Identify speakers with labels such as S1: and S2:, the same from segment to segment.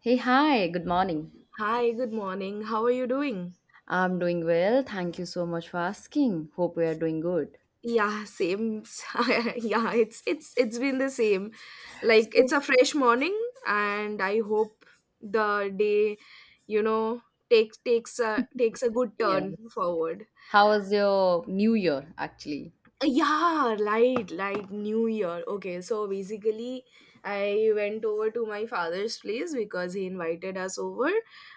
S1: Hey, hi, good morning.
S2: Hi, good morning. How are you doing?
S1: I'm doing well. Thank you so much for asking. Hope we are doing good.
S2: Yeah, same. Yeah, it's been the same. Like it's
S1: So,
S2: a fresh morning and I hope the day, you know, takes a good turn
S1: yes.
S2: forward.
S1: How was your new year actually?
S2: Yeah, right, like New Year. Okay, so basically, I went over to my father's place because he invited us over,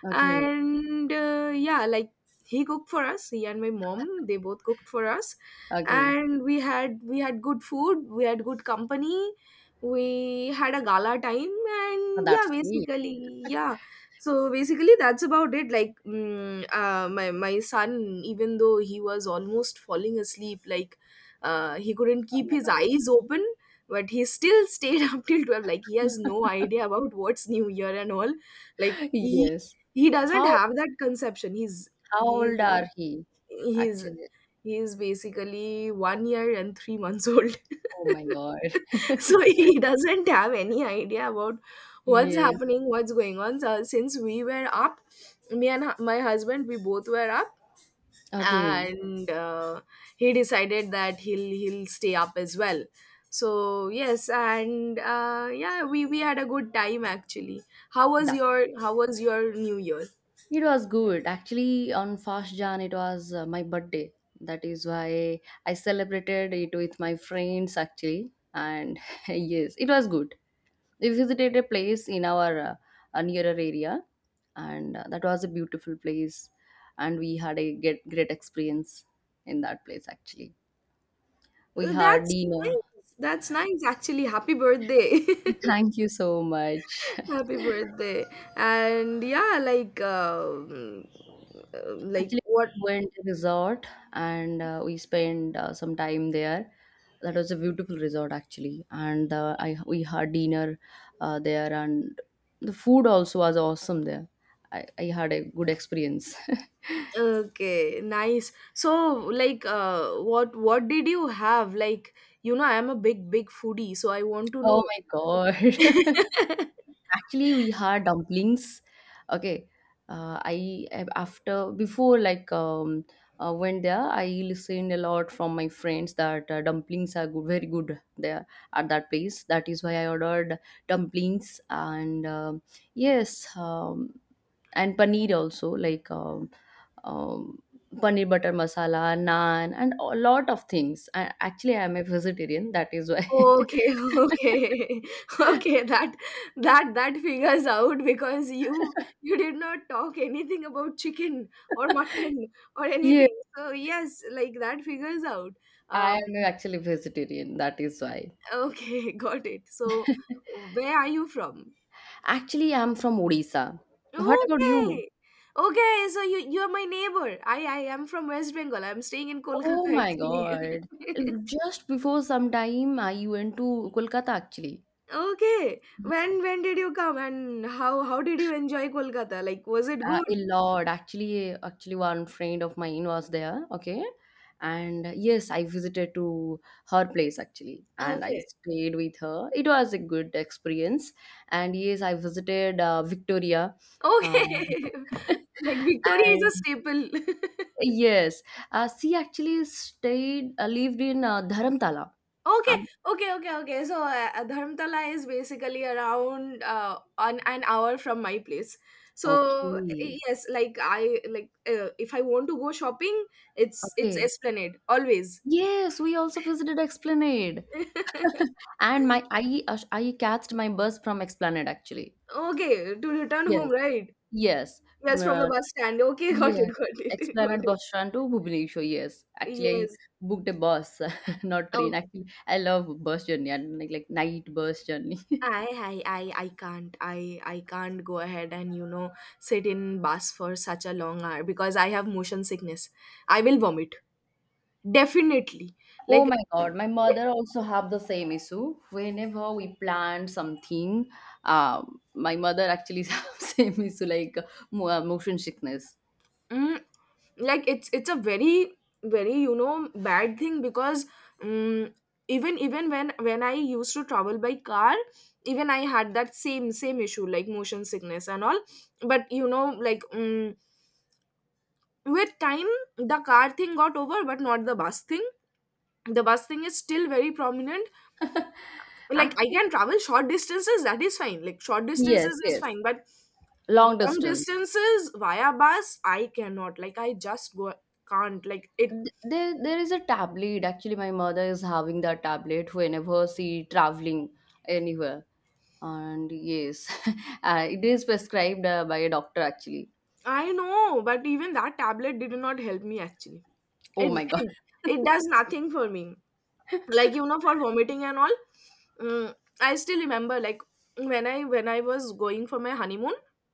S1: Okay,
S2: and yeah, like he cooked for us. He and my mom, they both cooked for us,
S1: okay.
S2: and we had good food, we had good company, we had a gala time,
S1: Oh,
S2: and yeah,
S1: that's great.
S2: basically, yeah. So basically, that's about it. Like, my son, even though he was almost falling asleep, like he couldn't
S1: Oh
S2: keep
S1: my
S2: his
S1: God.
S2: eyes open, but he still stayed up till 12. Like, he has no idea about what's new year and all. Like he
S1: Yes.
S2: he doesn't
S1: How
S2: have that conception. He's he
S1: old are he
S2: he's
S1: actually?
S2: he's basically 1 year and 3 months old.
S1: Oh my God.
S2: So he doesn't have any idea about what's
S1: Yes.
S2: happening, what's going on. So since we were up, me and my husband, we both were up,
S1: Okay.
S2: and he decided that he'll stay up as well. So yes, and yeah, we had a good time actually. How was
S1: That
S2: your new year?
S1: it was good. Actually, on first Jan, it was my birthday. That is why I celebrated it with my friends, actually. And yes, it was good. We visited a place in our nearer area, and that was a beautiful place. And we had a get, great experience in that place, actually. We had
S2: That's
S1: dinner.
S2: nice actually. Happy birthday.
S1: Thank you so much.
S2: Happy birthday. And yeah, like
S1: Actually,
S2: what.
S1: we went to resort and we spent some time there. That was a beautiful resort actually, and I we had dinner there, and the food also was awesome there. I had a good experience.
S2: Okay, nice. So like, what did you have? Like, you know, I am a big foodie, so I want to know.
S1: Oh my god! Actually, we had dumplings. Okay, I after before went there, I listened a lot from my friends that dumplings are good, very good there at that place. That is why I ordered dumplings and yes, and paneer also um, paneer butter masala, naan, and a lot of things. I, actually, I am a vegetarian. That is why.
S2: Okay, okay, okay. That that figures out, because you did not talk anything about chicken or mutton or
S1: Yes,
S2: anything. So yes, like that figures out. Um,
S1: I am actually vegetarian. That is why.
S2: okay, got it. So where are you from?
S1: Actually, I'm from Odisha. What about you?
S2: Okay, okay. So you are my neighbor. I am from West Bengal. I'm staying in
S1: Oh
S2: Kolkata
S1: my
S2: actually.
S1: God. Just before some time, I went to Kolkata actually.
S2: Okay. When did you come, and how did you enjoy Kolkata? Like, was it
S1: A
S2: good?
S1: lot. Actually, actually, one friend of mine was there. Okay. And yes, I visited to her place actually, and I
S2: Okay.
S1: stayed with her. It was a good experience. And yes, I visited Victoria. Um,
S2: Okay. Like, Victoria is a
S1: and
S2: staple.
S1: yes, she actually stayed lived in Dharamtala.
S2: Okay,
S1: Um,
S2: okay. So Dharmtala is basically around on an hour from my place. So
S1: okay,
S2: yes, like I like, if I want to go shopping, it's
S1: okay.
S2: Esplanade always.
S1: Yes, we also visited Esplanade, and my I catched my bus from Esplanade actually.
S2: Okay, to return home,
S1: Yes,
S2: right?
S1: yes,
S2: Yes, from the
S1: uh,
S2: bus stand. Okay,
S1: yes.
S2: got it, got.
S1: Esplanade bus stand to Bhubaneswar. Yes, actually, I
S2: Yes.
S1: booked a bus, not train.
S2: Oh,
S1: Actually, I love bus journey, and like night bus journey.
S2: I can't. I can't go ahead and, you know, sit in bus for such a long hour because I have motion sickness. I will vomit, definitely.
S1: Oh
S2: Like,
S1: my God, my mother also have the same issue. Whenever we plan something, my mother actually have same issue like motion sickness.
S2: mm, like, it's a very you know bad thing. Because um, even when I used to travel by car, even I had that same issue, like motion sickness and all. But you know, like, with time the car thing got over, but not the bus thing. The bus thing is still very prominent. Like, I
S1: Actually,
S2: can travel short distances. That is fine. Like, short
S1: yes,
S2: distances is
S1: yes,
S2: fine, but
S1: long
S2: long
S1: distance.
S2: distances via bus I cannot. Like, I just go can't like it.
S1: There is a tablet. Actually, my mother is having that tablet whenever she traveling anywhere. And yes, it is prescribed by a doctor actually.
S2: I know, but even that tablet did not help me actually.
S1: Oh
S2: it
S1: my God.
S2: it, it does nothing for me, like, you know, for vomiting and all. mm, I still remember, like, when I was going for my honeymoon,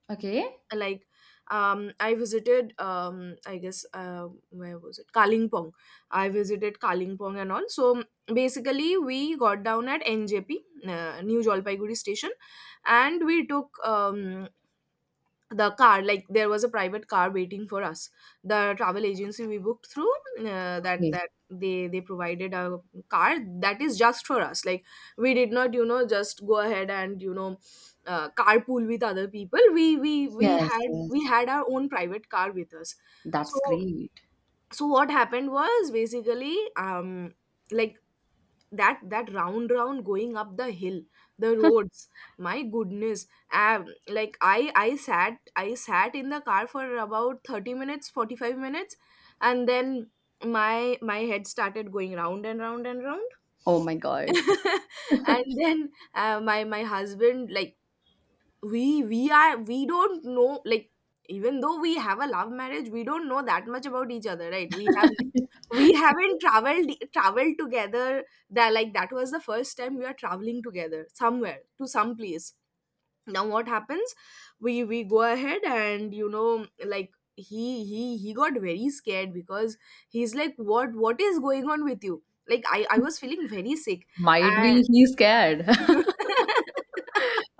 S1: Okay.
S2: like, I visited, I guess, where was it, Kalingpong? I visited Kalingpong and all. So basically, we got down at NJP, New Jalpaiguri station, and we took the car. Like, there was a private car waiting for us. The travel agency we booked through, that
S1: Okay.
S2: that they provided a car that is just for us. Like, we did not, you know, just go ahead and, you know, carpool with other people. We
S1: Yes,
S2: had we
S1: yes.
S2: had our own private car with us. So
S1: That's great.
S2: so what happened was, basically, like, that that round going up the hill, the roads, my goodness. Like, I sat in the car for about 30 minutes, 45 minutes, and then my head started going round and round and round.
S1: Oh my God.
S2: And then my husband, like, we don't know, like, even though we have a love marriage, we don't know that much about each other, right? We have, we haven't traveled together. That, like, that was the first time we are traveling together somewhere, to some place. Now what happens, we go ahead and, you know, like, he got very scared, because he's like, what is going on with you? Like, I was feeling very sick,
S1: Might
S2: and
S1: be he's scared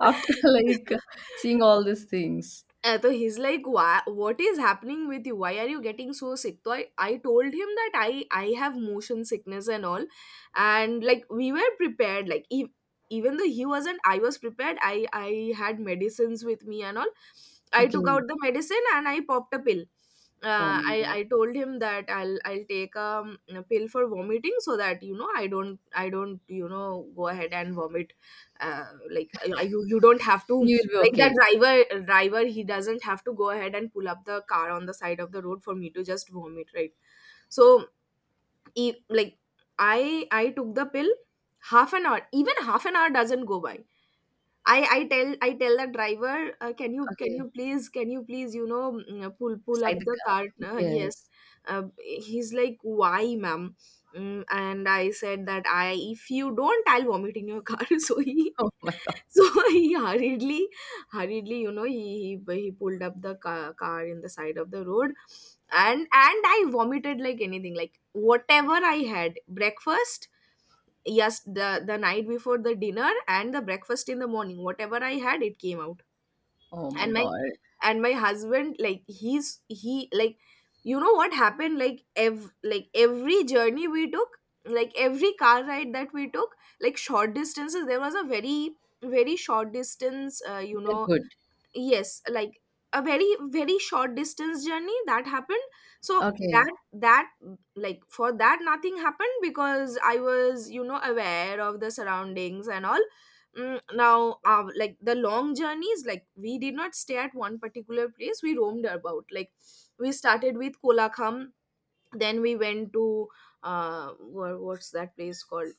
S1: after like seeing all these things.
S2: So he's like, why, what is happening with you? Why are you getting so sick? So I told him that I have motion sickness and all. And like, we were prepared. Like, ev even though he wasn't, I was prepared. I had medicines with me and all. I took
S1: Okay.
S2: out the medicine and I popped a pill.
S1: Oh my God.
S2: I told him that I'll take a pill for vomiting, so that, you know, I don't, you know, go ahead and vomit. You you don't have to,
S1: You will be
S2: like, that
S1: okay.
S2: driver he doesn't have to go ahead and pull up the car on the side of the road for me to just vomit, right? So, like, I took the pill. Half an hour, even half an hour doesn't go by, I tell the driver, can you
S1: Okay.
S2: please, you know, pull
S1: Side
S2: up
S1: the
S2: the
S1: car.
S2: cart? Yes,
S1: Yes.
S2: he's like, why, ma'am? And I said that I, if you don't, I'll vomit in your car. So he
S1: Oh my God.
S2: so he hurriedly, you know, he pulled up the car in the side of the road, and I vomited like anything, like whatever I had breakfast, yes, the night before, the dinner and the breakfast in the morning, whatever I had, it came out.
S1: Oh my
S2: And
S1: God.
S2: my husband, like, he's he like you know what happened, like, ev like, every journey we took, like every car ride that we took, like short distances, there was a very short distance,
S1: Then good.
S2: yes, like a very short distance journey that happened. So
S1: Okay.
S2: that, like, for that nothing happened, because I was, you know, aware of the surroundings and all. Now like, the long journeys, like, we did not stay at one particular place, we roamed about. Like, we started with Kolakham, then we went to, what's that place called?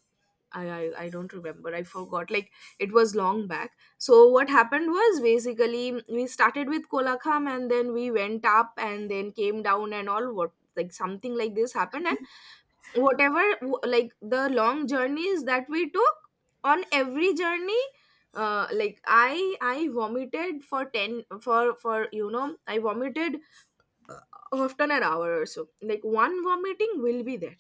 S2: I don't remember. I forgot. Like, it was long back. So what happened was, basically, we started with Kolakham and then we went up and then came down and all. What, like, something like this happened. And whatever, like, the long journeys that we took, on every journey, like, I vomited for 10, for you know, I vomited, uh, often an hour or so, like one vomiting will be there.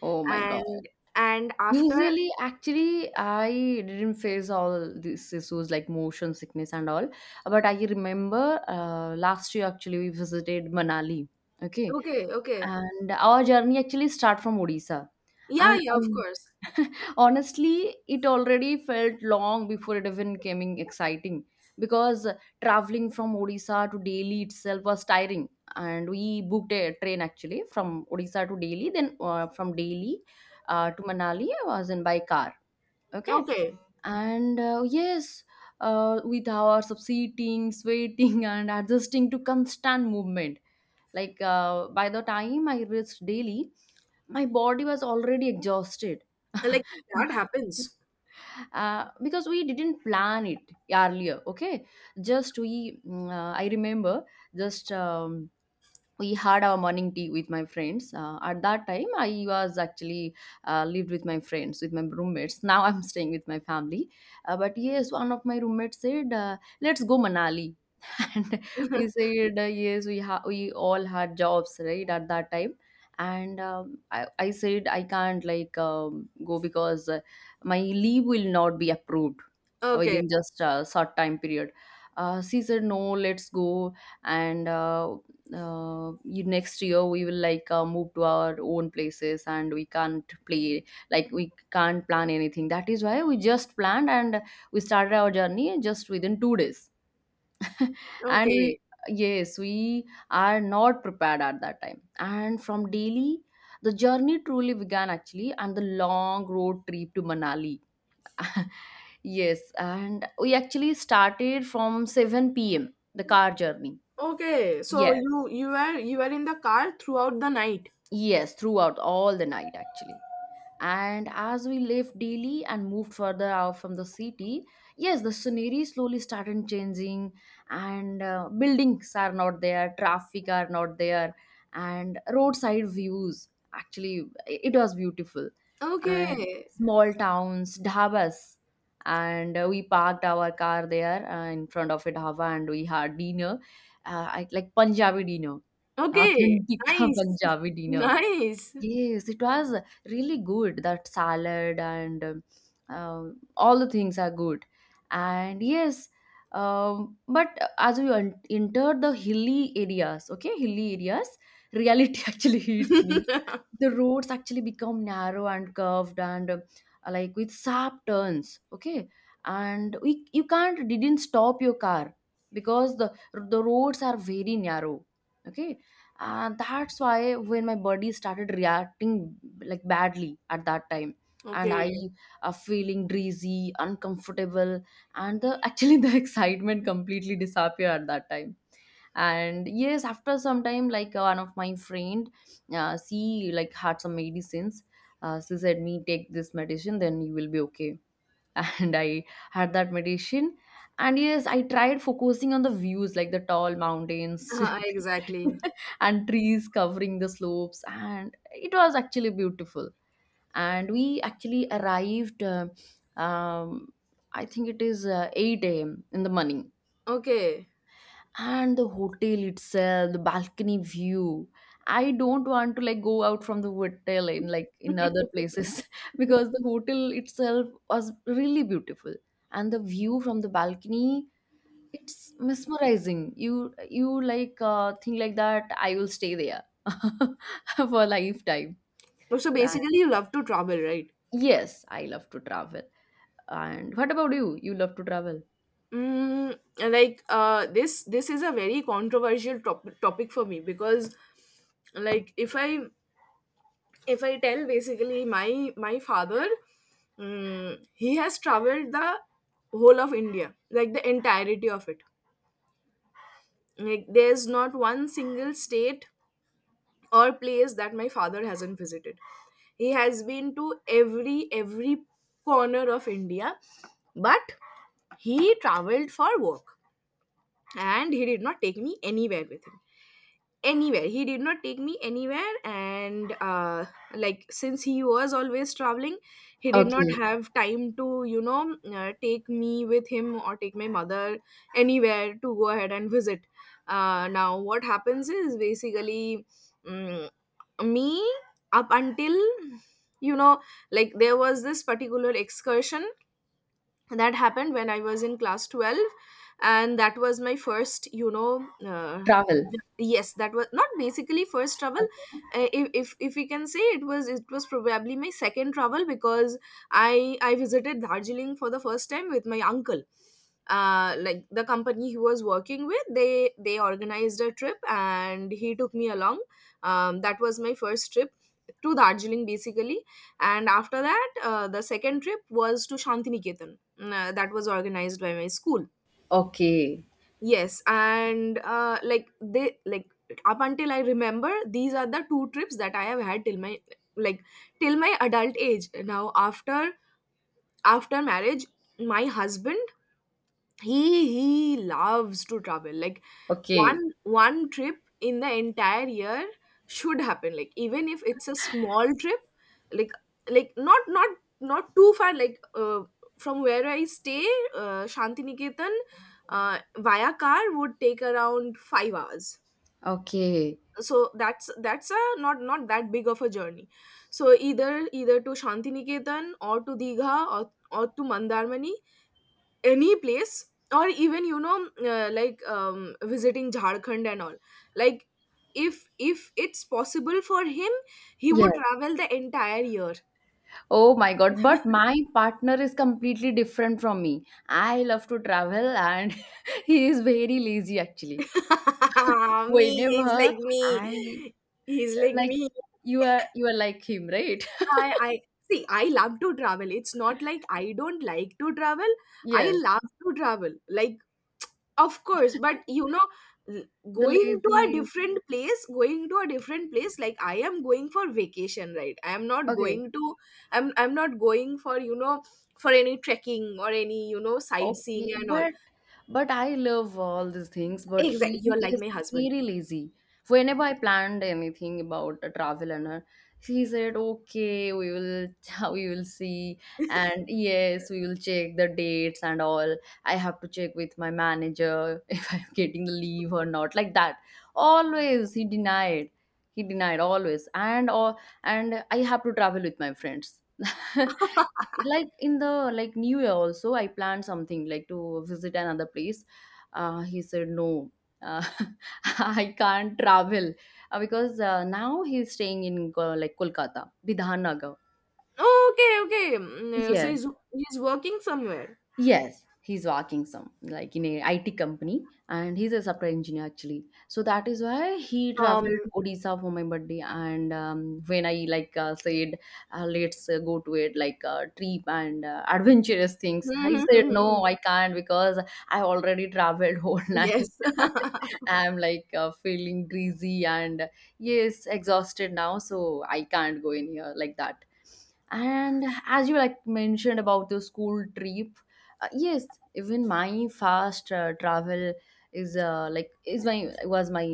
S1: Oh my God.
S2: and and after
S1: Usually, actually, I didn't face all these issues like motion sickness and all. But I remember last year actually we visited Manali. Okay,
S2: okay, okay.
S1: and our journey actually start from Odisha.
S2: Yeah,
S1: And
S2: yeah, of course.
S1: honestly, it already felt long before it even came exciting because traveling from Odisha to Delhi itself was tiring. And we booked a train actually from Odisha to Delhi, then from Delhi to Manali, was in by car. Okay,
S2: Okay.
S1: and yes, with hours of seating, sweating, and adjusting to constant movement like by the time I reached Delhi, my body was already exhausted.
S2: Like, that happens.
S1: Because we didn't plan it earlier, okay, just I remember just we had our morning tea with my friends, at that time I was actually lived with my friends, with my roommates. Now I'm staying with my family, but yes, one of my roommates said, "Let's go Manali." And we said, yes, we all had jobs, right, at that time. And I said I can't go because my leave will not be approved
S2: Okay.
S1: within just a short time period. She said, no, let's go. And next year we will like move to our own places and we can't plan anything. That is why we just planned, and we started our journey just within two days. And we,
S2: Okay.
S1: yes, we are not prepared at that time. And from Delhi the journey truly began actually, and the long road trip to Manali. Yes, and we actually started from 7 p.m, the car journey.
S2: Okay. So
S1: Yes,
S2: you were you were in the car throughout the night.
S1: yes, throughout all the night actually. And as we left Delhi and moved further out from the city, yes, the scenery slowly started changing, and buildings are not there, traffic are not there, and roadside views. Actually, it was beautiful. And
S2: Okay.
S1: small towns, dhabas, and we parked our car there in front of a dhaba, and we had dinner, like Punjabi dinner,
S2: Okay.
S1: authentic
S2: Nice.
S1: Punjabi dinner.
S2: Nice.
S1: Yes, it was really good. That salad and uh, all the things are good. And yes, but as entered the hilly areas, okay, hilly areas, reality actually hits me. The roads actually become narrow and curved, and like with sharp turns, okay? And we, you can't, didn't stop your car because the roads are very narrow, okay? And that's why when my body started reacting like badly at that time, and
S2: Okay.
S1: I are feeling dizzy, uncomfortable, and the actually the excitement completely disappeared at that time. And yes, after some time, like, one of my friend, she like had some medicines. She said me, take this medicine, then you will be okay. And I had that meditation. And yes, I tried focusing on the views, like the tall mountains
S2: Exactly.
S1: and trees covering the slopes, and it was actually beautiful. And we actually arrived um, I think it is 8 a.m in the morning.
S2: Okay.
S1: And the hotel itself, the balcony view, I don't want to like go out from the hotel in like in other places because the hotel itself was really beautiful. And the view from the balcony, it's mesmerizing. You like think like that I will stay there for a lifetime.
S2: So
S1: Like,
S2: basically, you love to travel, right?
S1: yes, I love to travel. And what about you, you love to travel?
S2: Mm, this is a very controversial topic for me because like if I if I tell basically my father, he has traveled the whole of india, like the entirety of it. Like there's not one single state or place that my father hasn't visited. He has been to every corner of india. But he traveled for work and he did not take me anywhere with him. Anywhere, he did not take me anywhere. And like since he was always traveling, he did not
S1: Okay,
S2: have time to take me with him or take my mother anywhere to go ahead and visit. Now what happens is basically, mm me, up until you know, like there was this particular excursion that happened when I was in class 12, and that was my first
S1: travel.
S2: yes that was not basically first travel.
S1: Okay,
S2: If if we can say, it was probably my second travel. Because I visited darjeeling for the first time with my uncle. Like the company he was working with, they organized a trip and he took me along. That was my first trip to darjeeling basically. And after that, the second trip was to shantiniketan. That was organized by my school.
S1: okay,
S2: Yes. And like they like, up until I remember, these are the two trips that I have had till my, like, till my adult age. Now, after marriage, my husband, he loves to travel. Like one
S1: okay,
S2: one trip in the entire year should happen, like even if it's a small trip. like like not not too far, like from where I stay. Shantiniketan via car would take around 5 hours.
S1: okay.
S2: So that's a not that big of a journey. So either, either to shantiniketan or to digha, or to mandarmani, any place. Or even like visiting jharkhand and all. Like if it's possible for him, he would
S1: Yes.
S2: travel the entire year.
S1: Oh my god, but my partner is completely different from me. I love to travel and he is very lazy actually.
S2: Me, he's
S1: Whenever
S2: like me.
S1: I
S2: He's like
S1: like
S2: me.
S1: you are like him, right?
S2: I see, I love to travel. It's not like I don't like to travel. I
S1: Yes.
S2: love to travel. Like, of course, but you know, l-
S1: The
S2: going to a
S1: laziness.
S2: different place, like I am going for vacation, right? I am not
S1: Okay.
S2: going to, I'm not going for for any trekking or any, you know, sightseeing
S1: Okay,
S2: and all.
S1: but I love all these things, but he
S2: Exactly, you're like
S1: is
S2: my husband.
S1: very lazy. Whenever I planned anything about a travel and her, he said, "Okay, we will we will see, and yes, we will check the dates and all. I have to check with my manager if I'm getting the leave or not." Like that. Always he denied. He denied always, and or and I have to travel with my friends like in the like new year also I planned something like to visit another place. He said no, uh, I can't travel, because now he's staying in like Kolkata, Bidhanagar.
S2: Okay, okay. So
S1: Yes,
S2: he's working somewhere.
S1: yes, he's working some like in a IT company and he's a software engineer actually. So that is why he
S2: um
S1: traveled to Odisha for my birthday. And when I like said, let's go to it like trip and adventurous things, he said, no, I can't because I already traveled whole night.
S2: yes.
S1: I'm like feeling greasy and yes, exhausted now, so I can't go in here like that. And as you like mentioned about the school trip, yes, even my first travel is like is my was my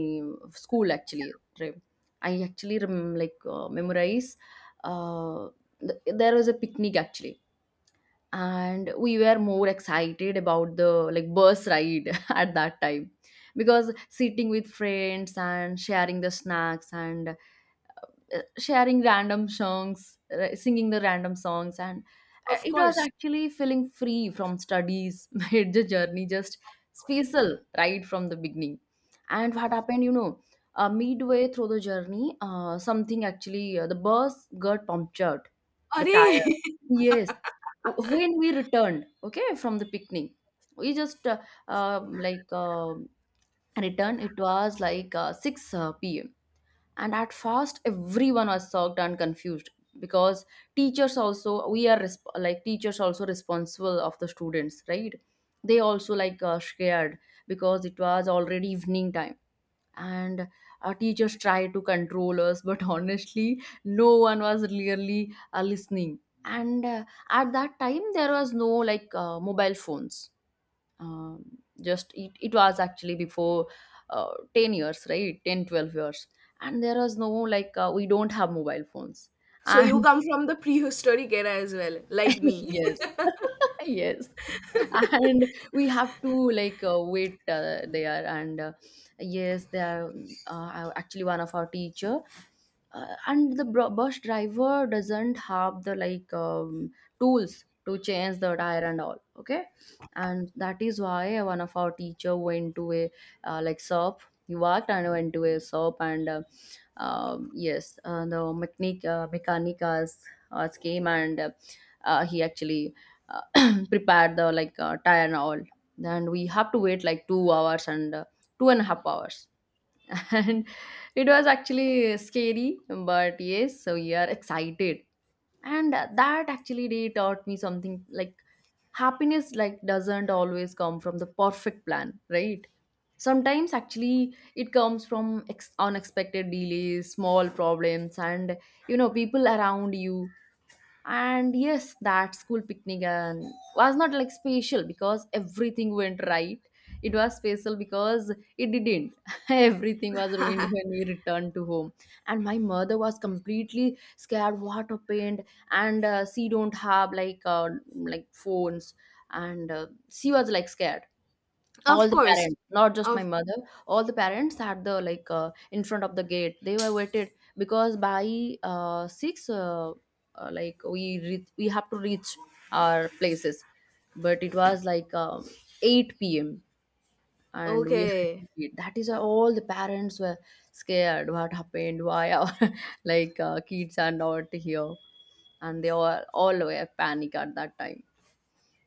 S1: school actually trip. I actually memorize uh, there was a picnic actually, and we were more excited about the like bus ride at that time because sitting with friends and sharing the snacks and sharing random songs, singing the random songs, and
S2: Of
S1: it was
S2: course.
S1: actually feeling free from studies, made the journey just special right from the beginning. And what happened, you know, midway through the journey, the bus got punctured, the
S2: Arey.
S1: tire. Yes. When we returned, okay, from the picnic, we just uh, like uh, returned. It was like 6 p.m., and at first everyone was shocked and confused, because teachers also we are like teachers also responsible of the students, right? They also like scared, because it was already evening time. And our teachers tried to control us, but honestly no one was really listening. And at that time there was no like mobile phones. um, just it was actually before 10 years, right? 10, 12 years. And there was no like we don't have mobile phones.
S2: So you
S1: And
S2: come from the prehistoric era as well, like me.
S1: yes. Yes. And we have to like wait there, and yes they are actually one of our teacher and the bus driver doesn't have the like tools to change the tire and all, okay. And that is why one of our teacher went to a like shop. He worked and went to a shop, and yes the mechanic mechanicas came, and he actually prepared the like tire and all. And we have to wait like 2 hours, and two and a half hours. And it was actually scary, but yes, so we are excited. And that actually day taught me something like happiness like doesn't always come from the perfect plan, right? Sometimes actually it comes from unexpected delays, small problems, and you know people around you. And yes, that school picnic and was not like special because everything went right. It was special because it didn't. Everything was ruined when we returned to home, and my mother was completely scared what happened. And she don't have like phones, and she was like scared.
S2: Of
S1: All the
S2: course.
S1: parents, not just my
S2: Of
S1: mother, all the parents had the like in front of the gate they were waited, because by 6, like we have to reach our places. But it was like 8 p.m., and we had
S2: okay.
S1: to eat. That is why all the parents were scared what happened, why our like kids are not here. And they all were panic at that time.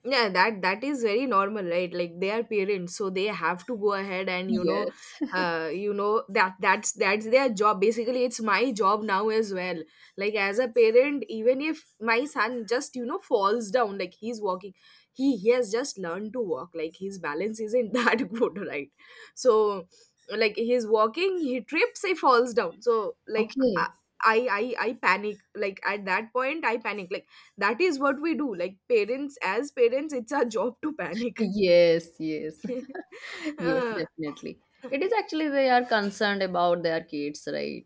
S2: Yeah, that is very normal, right? Like they are parents, so they have to go ahead and, you know,
S1: Yes.
S2: you know, that that's their job basically. It's my job now as well. Like as a parent, even if my son just, you know, falls down. Like he's walking, he has just learned to walk, like his balance isn't that good, right? So like he's walking, he trips, he falls down. So like
S1: Okay.
S2: i I panic, like at that point I panic, like that is what we do. Like parents, as parents, it's our job to panic.
S1: Yes, yes. Yes,
S2: uh,
S1: definitely. It is actually they are concerned about their kids, right?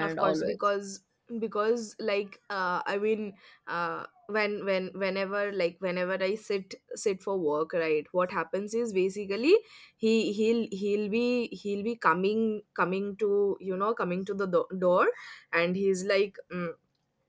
S2: of course.
S1: always.
S2: Because like I mean, when whenever, like whenever I sit for work, right, what happens is basically, he he'll be coming to, you know, coming to the door. And he's like,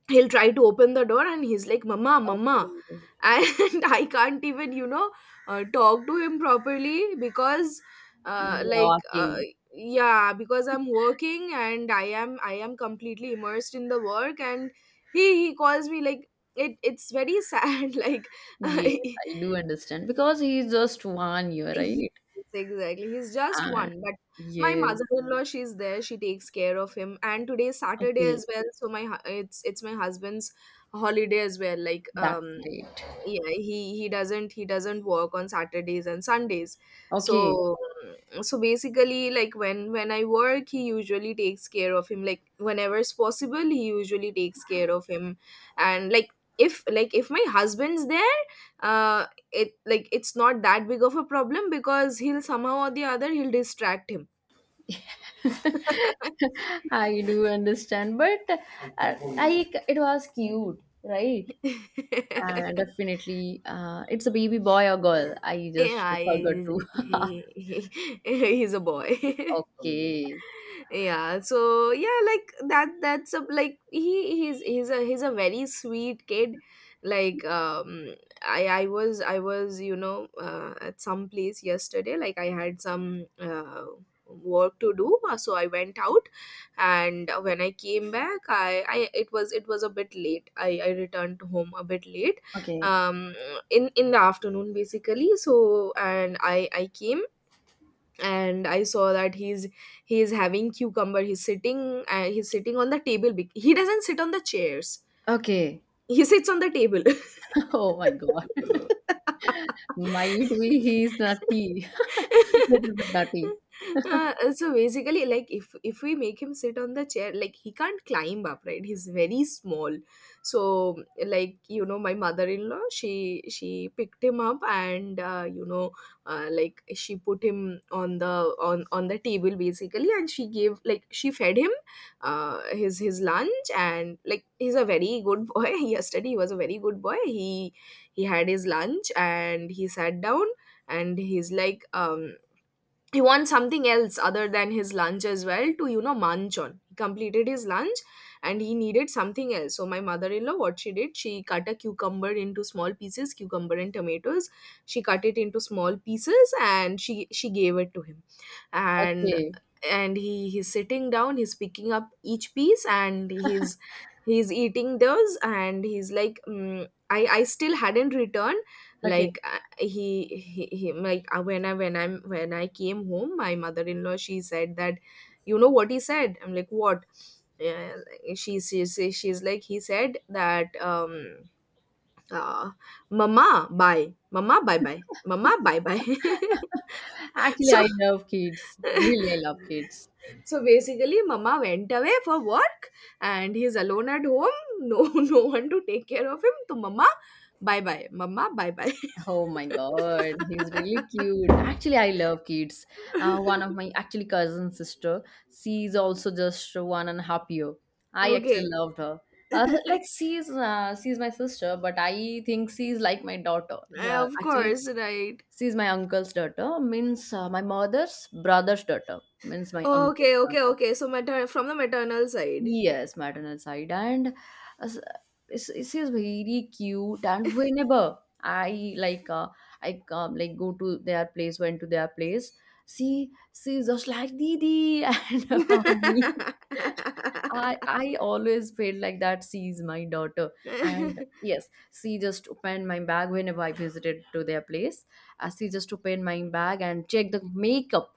S2: he'll try to open the door, and he's like, "Mama, mama."
S1: Okay.
S2: And I can't even, you know, talk to him properly because uh, like uh,
S1: Joachim.
S2: yeah, because I'm working and I am completely immersed in the work. And he calls me, like, it it's very sad like
S1: Yes, I do understand. Because he's just 1 year,
S2: Yes,
S1: right?
S2: exactly. He's just
S1: And
S2: one. But my
S1: yes.
S2: mother-in-law, she's there. She takes care of him. And today is Saturday
S1: Okay.
S2: as well, so my it's my husband's holiday as well. Like,
S1: That's great.
S2: yeah, he he doesn't work on saturdays and sundays.
S1: Okay.
S2: So, so basically, like, when I work, he usually takes care of him, like whenever it's possible, he usually takes care of him. And like, if my husband's there, uh it like, it's not that big of a problem because he'll, somehow or the other, he'll distract him.
S1: I do understand. But I it was cute, right? Definitely. It's a baby boy or girl? I just
S2: Yeah,
S1: forgot to.
S2: he he's a boy.
S1: Okay.
S2: Yeah, so yeah, like he he's a very sweet kid. Like, i was, you know, at some place yesterday. Like I had some work to do, so I went out. And when I came back, I it was, a bit late, i returned home a bit late.
S1: Okay.
S2: um in the afternoon basically. So, and i came and I saw that he's having cucumber. He's sitting, he's sitting on the table, he doesn't sit on the chairs,
S1: Okay.
S2: he sits on the table.
S1: Oh my God. Might be he's nutty. Little bit nutty.
S2: So basically, like, if we make him sit on the chair, like he can't climb up, right? He's very small. So, like, you know, my mother-in-law, she picked him up, and you know, like she put him on the, on the table basically. And she gave, like, she fed him his lunch. And like, he's a very good boy. Yesterday he was a very good boy. He had his lunch and he sat down. And he's like, he wants something else other than his lunch as well to, you know, munch on. He completed his lunch, and he needed something else. So my mother-in-law, what she did, she cut a cucumber into small pieces, cucumber and tomatoes. She cut it into small pieces, and she gave it to him. And
S1: Okay.
S2: he he's sitting down, he's picking up each piece, and he's eating those. And he's like, mm, i still hadn't returned.
S1: Okay.
S2: Like he like, when I when I'm when I came home, my mother-in-law, she said that, you know what he said. I'm like, "What?" Yeah, like, she's like, he said that, uh mama bye, mama bye bye, mama bye bye.
S1: Actually,
S2: So
S1: I love kids. Really, I love kids.
S2: so basically, mama went away for work, and he's alone at home. No no one to take care of him. So mama bye bye, mama bye bye.
S1: Oh my God, he's really cute. Actually, I love kids. One of my actually cousin sister, she's also just one and a half year. I actually
S2: Okay.
S1: loved her. Uh, like she's my sister, but I think she's like my daughter. Uh,
S2: Of
S1: actually,
S2: course, right.
S1: she's my uncle's daughter, means, my mother's brother's daughter, means my uncle's
S2: Okay, okay,
S1: daughter.
S2: okay. So from the maternal side.
S1: Yes, maternal side, and uh, it's just very cute. And whenever I like, I come like go to their place, went to their place. See, she's just like Didi, and hug me. I always feel like that she's my daughter, and yes, she just opened my bag whenever I visited to their place. She just opened my bag and checked the makeup.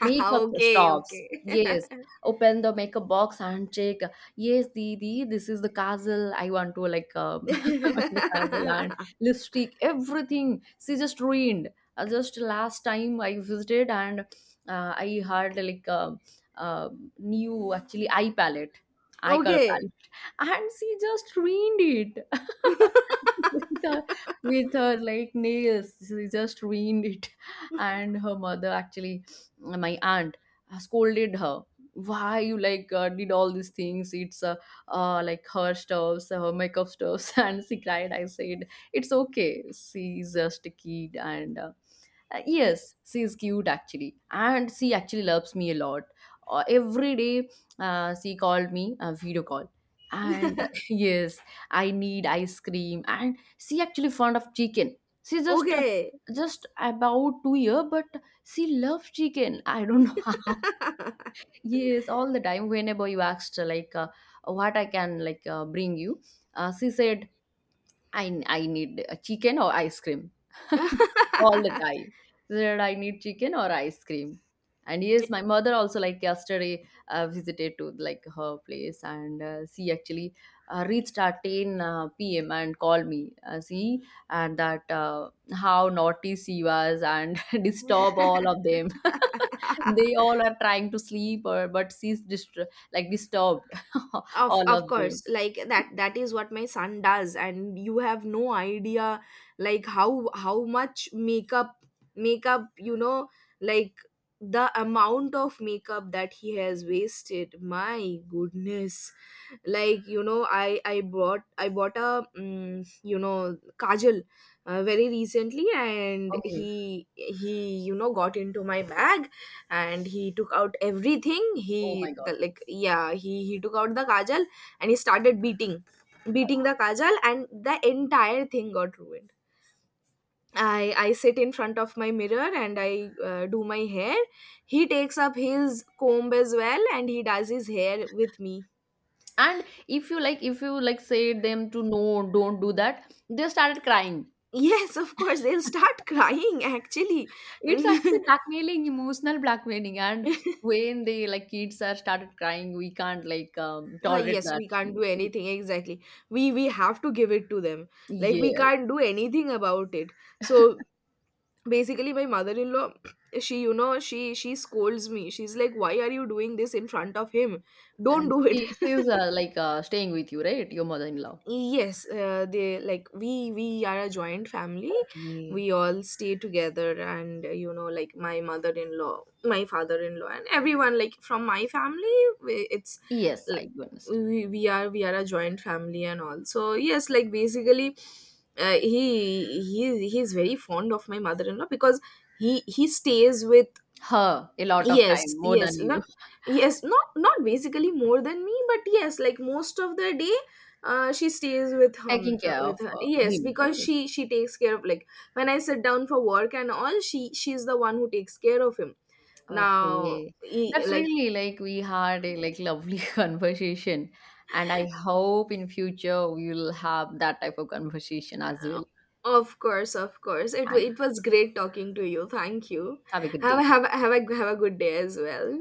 S1: Makeup
S2: Okay,
S1: stops.
S2: okay.
S1: Yes. Open the makeup box and check. Yes, Didi, this is the kajal. I want to like the kajal and lipstick, everything. She just ruined. Just last time I visited, and I had like uh new actually eye palette, eye color
S2: Okay.
S1: palette, and she just ruined it. With her, like nails she just ruined it. And her mother actually, my aunt, scolded her. Why you like did all these things? It's Like her stuffs, her makeup stuffs. And she cried, I said it's okay, she's just a kid. And
S2: E-
S1: Yes, she is cute actually, and she actually loves me a lot. Every day, she called me a video call, and yes, I need ice cream. And she actually fond of chicken. She
S2: okay.
S1: just about 2 year, but she loves chicken. I don't know how. Yes, all the time. Whenever you asked like what I can like bring you, she said I need a chicken or ice cream. All the time. She said I need chicken or ice cream. And yes, my mother also like yesterday visited to like her place, and she actually reached at 10 p.m. and called me. See, and that how naughty she was, and disturb all of them. They all are trying to sleep, or but she's like disturbed all of
S2: Of course,
S1: them.
S2: like that is what my son does. And you have no idea, like, how much makeup, you know, like the amount of makeup that he has wasted. My goodness. Like, you know, I bought a you know, kajal very recently. And
S1: Okay.
S2: he, you know, got into my bag and he took out everything.
S1: Oh my God.
S2: He took out the kajal and he started beating, beating the kajal, and the entire thing got ruined. I sit in front of my mirror, and I do my hair. He takes up his comb as well, and he does his hair with me.
S1: And if you like say them to no, don't do that, they started crying.
S2: Yes, of course, they'll start crying actually.
S1: It's actually blackmailing, emotional blackmailing. And when they like, kids are started crying, we can't like
S2: Ah,
S1: tolerate
S2: yes,
S1: that.
S2: we can't do anything exactly. We have to give it to them. Like we
S1: Yes.
S2: can't do anything about it. So basically my mother-in-law, she you know, she scolds me. She's like, "Why are you doing this in front of him? Don't
S1: and
S2: do it."
S1: she she's staying with you, right, your mother-in-law?
S2: Yes, they, like, we are a joint family,
S1: Okay.
S2: we all stay together. And, you know, like my mother-in-law, my father-in-law, and everyone, like from my family, we- it's
S1: Yes,
S2: l-
S1: I do understand.
S2: we are, a joint family and all. So, yes, like basically, he he's very fond of my mother-in-law because he stays with,
S1: Her a lot of
S2: yes,
S1: time more than you.
S2: yes, not basically more than me, but yes, like most of the day, she stays with him,
S1: Taking care of
S2: with her. Yes,
S1: him,
S2: because
S1: right?
S2: she takes care of, like, when I sit down for work and all, she's the one who takes care of him. Now,
S1: Okay,
S2: he,
S1: that's
S2: like,
S1: really like we had a like lovely conversation, and I hope in future we will have that type of conversation as
S2: uh,
S1: well.
S2: of course, it
S1: Thanks.
S2: it was great talking to you. Thank you.
S1: Have a good
S2: Have a
S1: day.
S2: have a good day as well.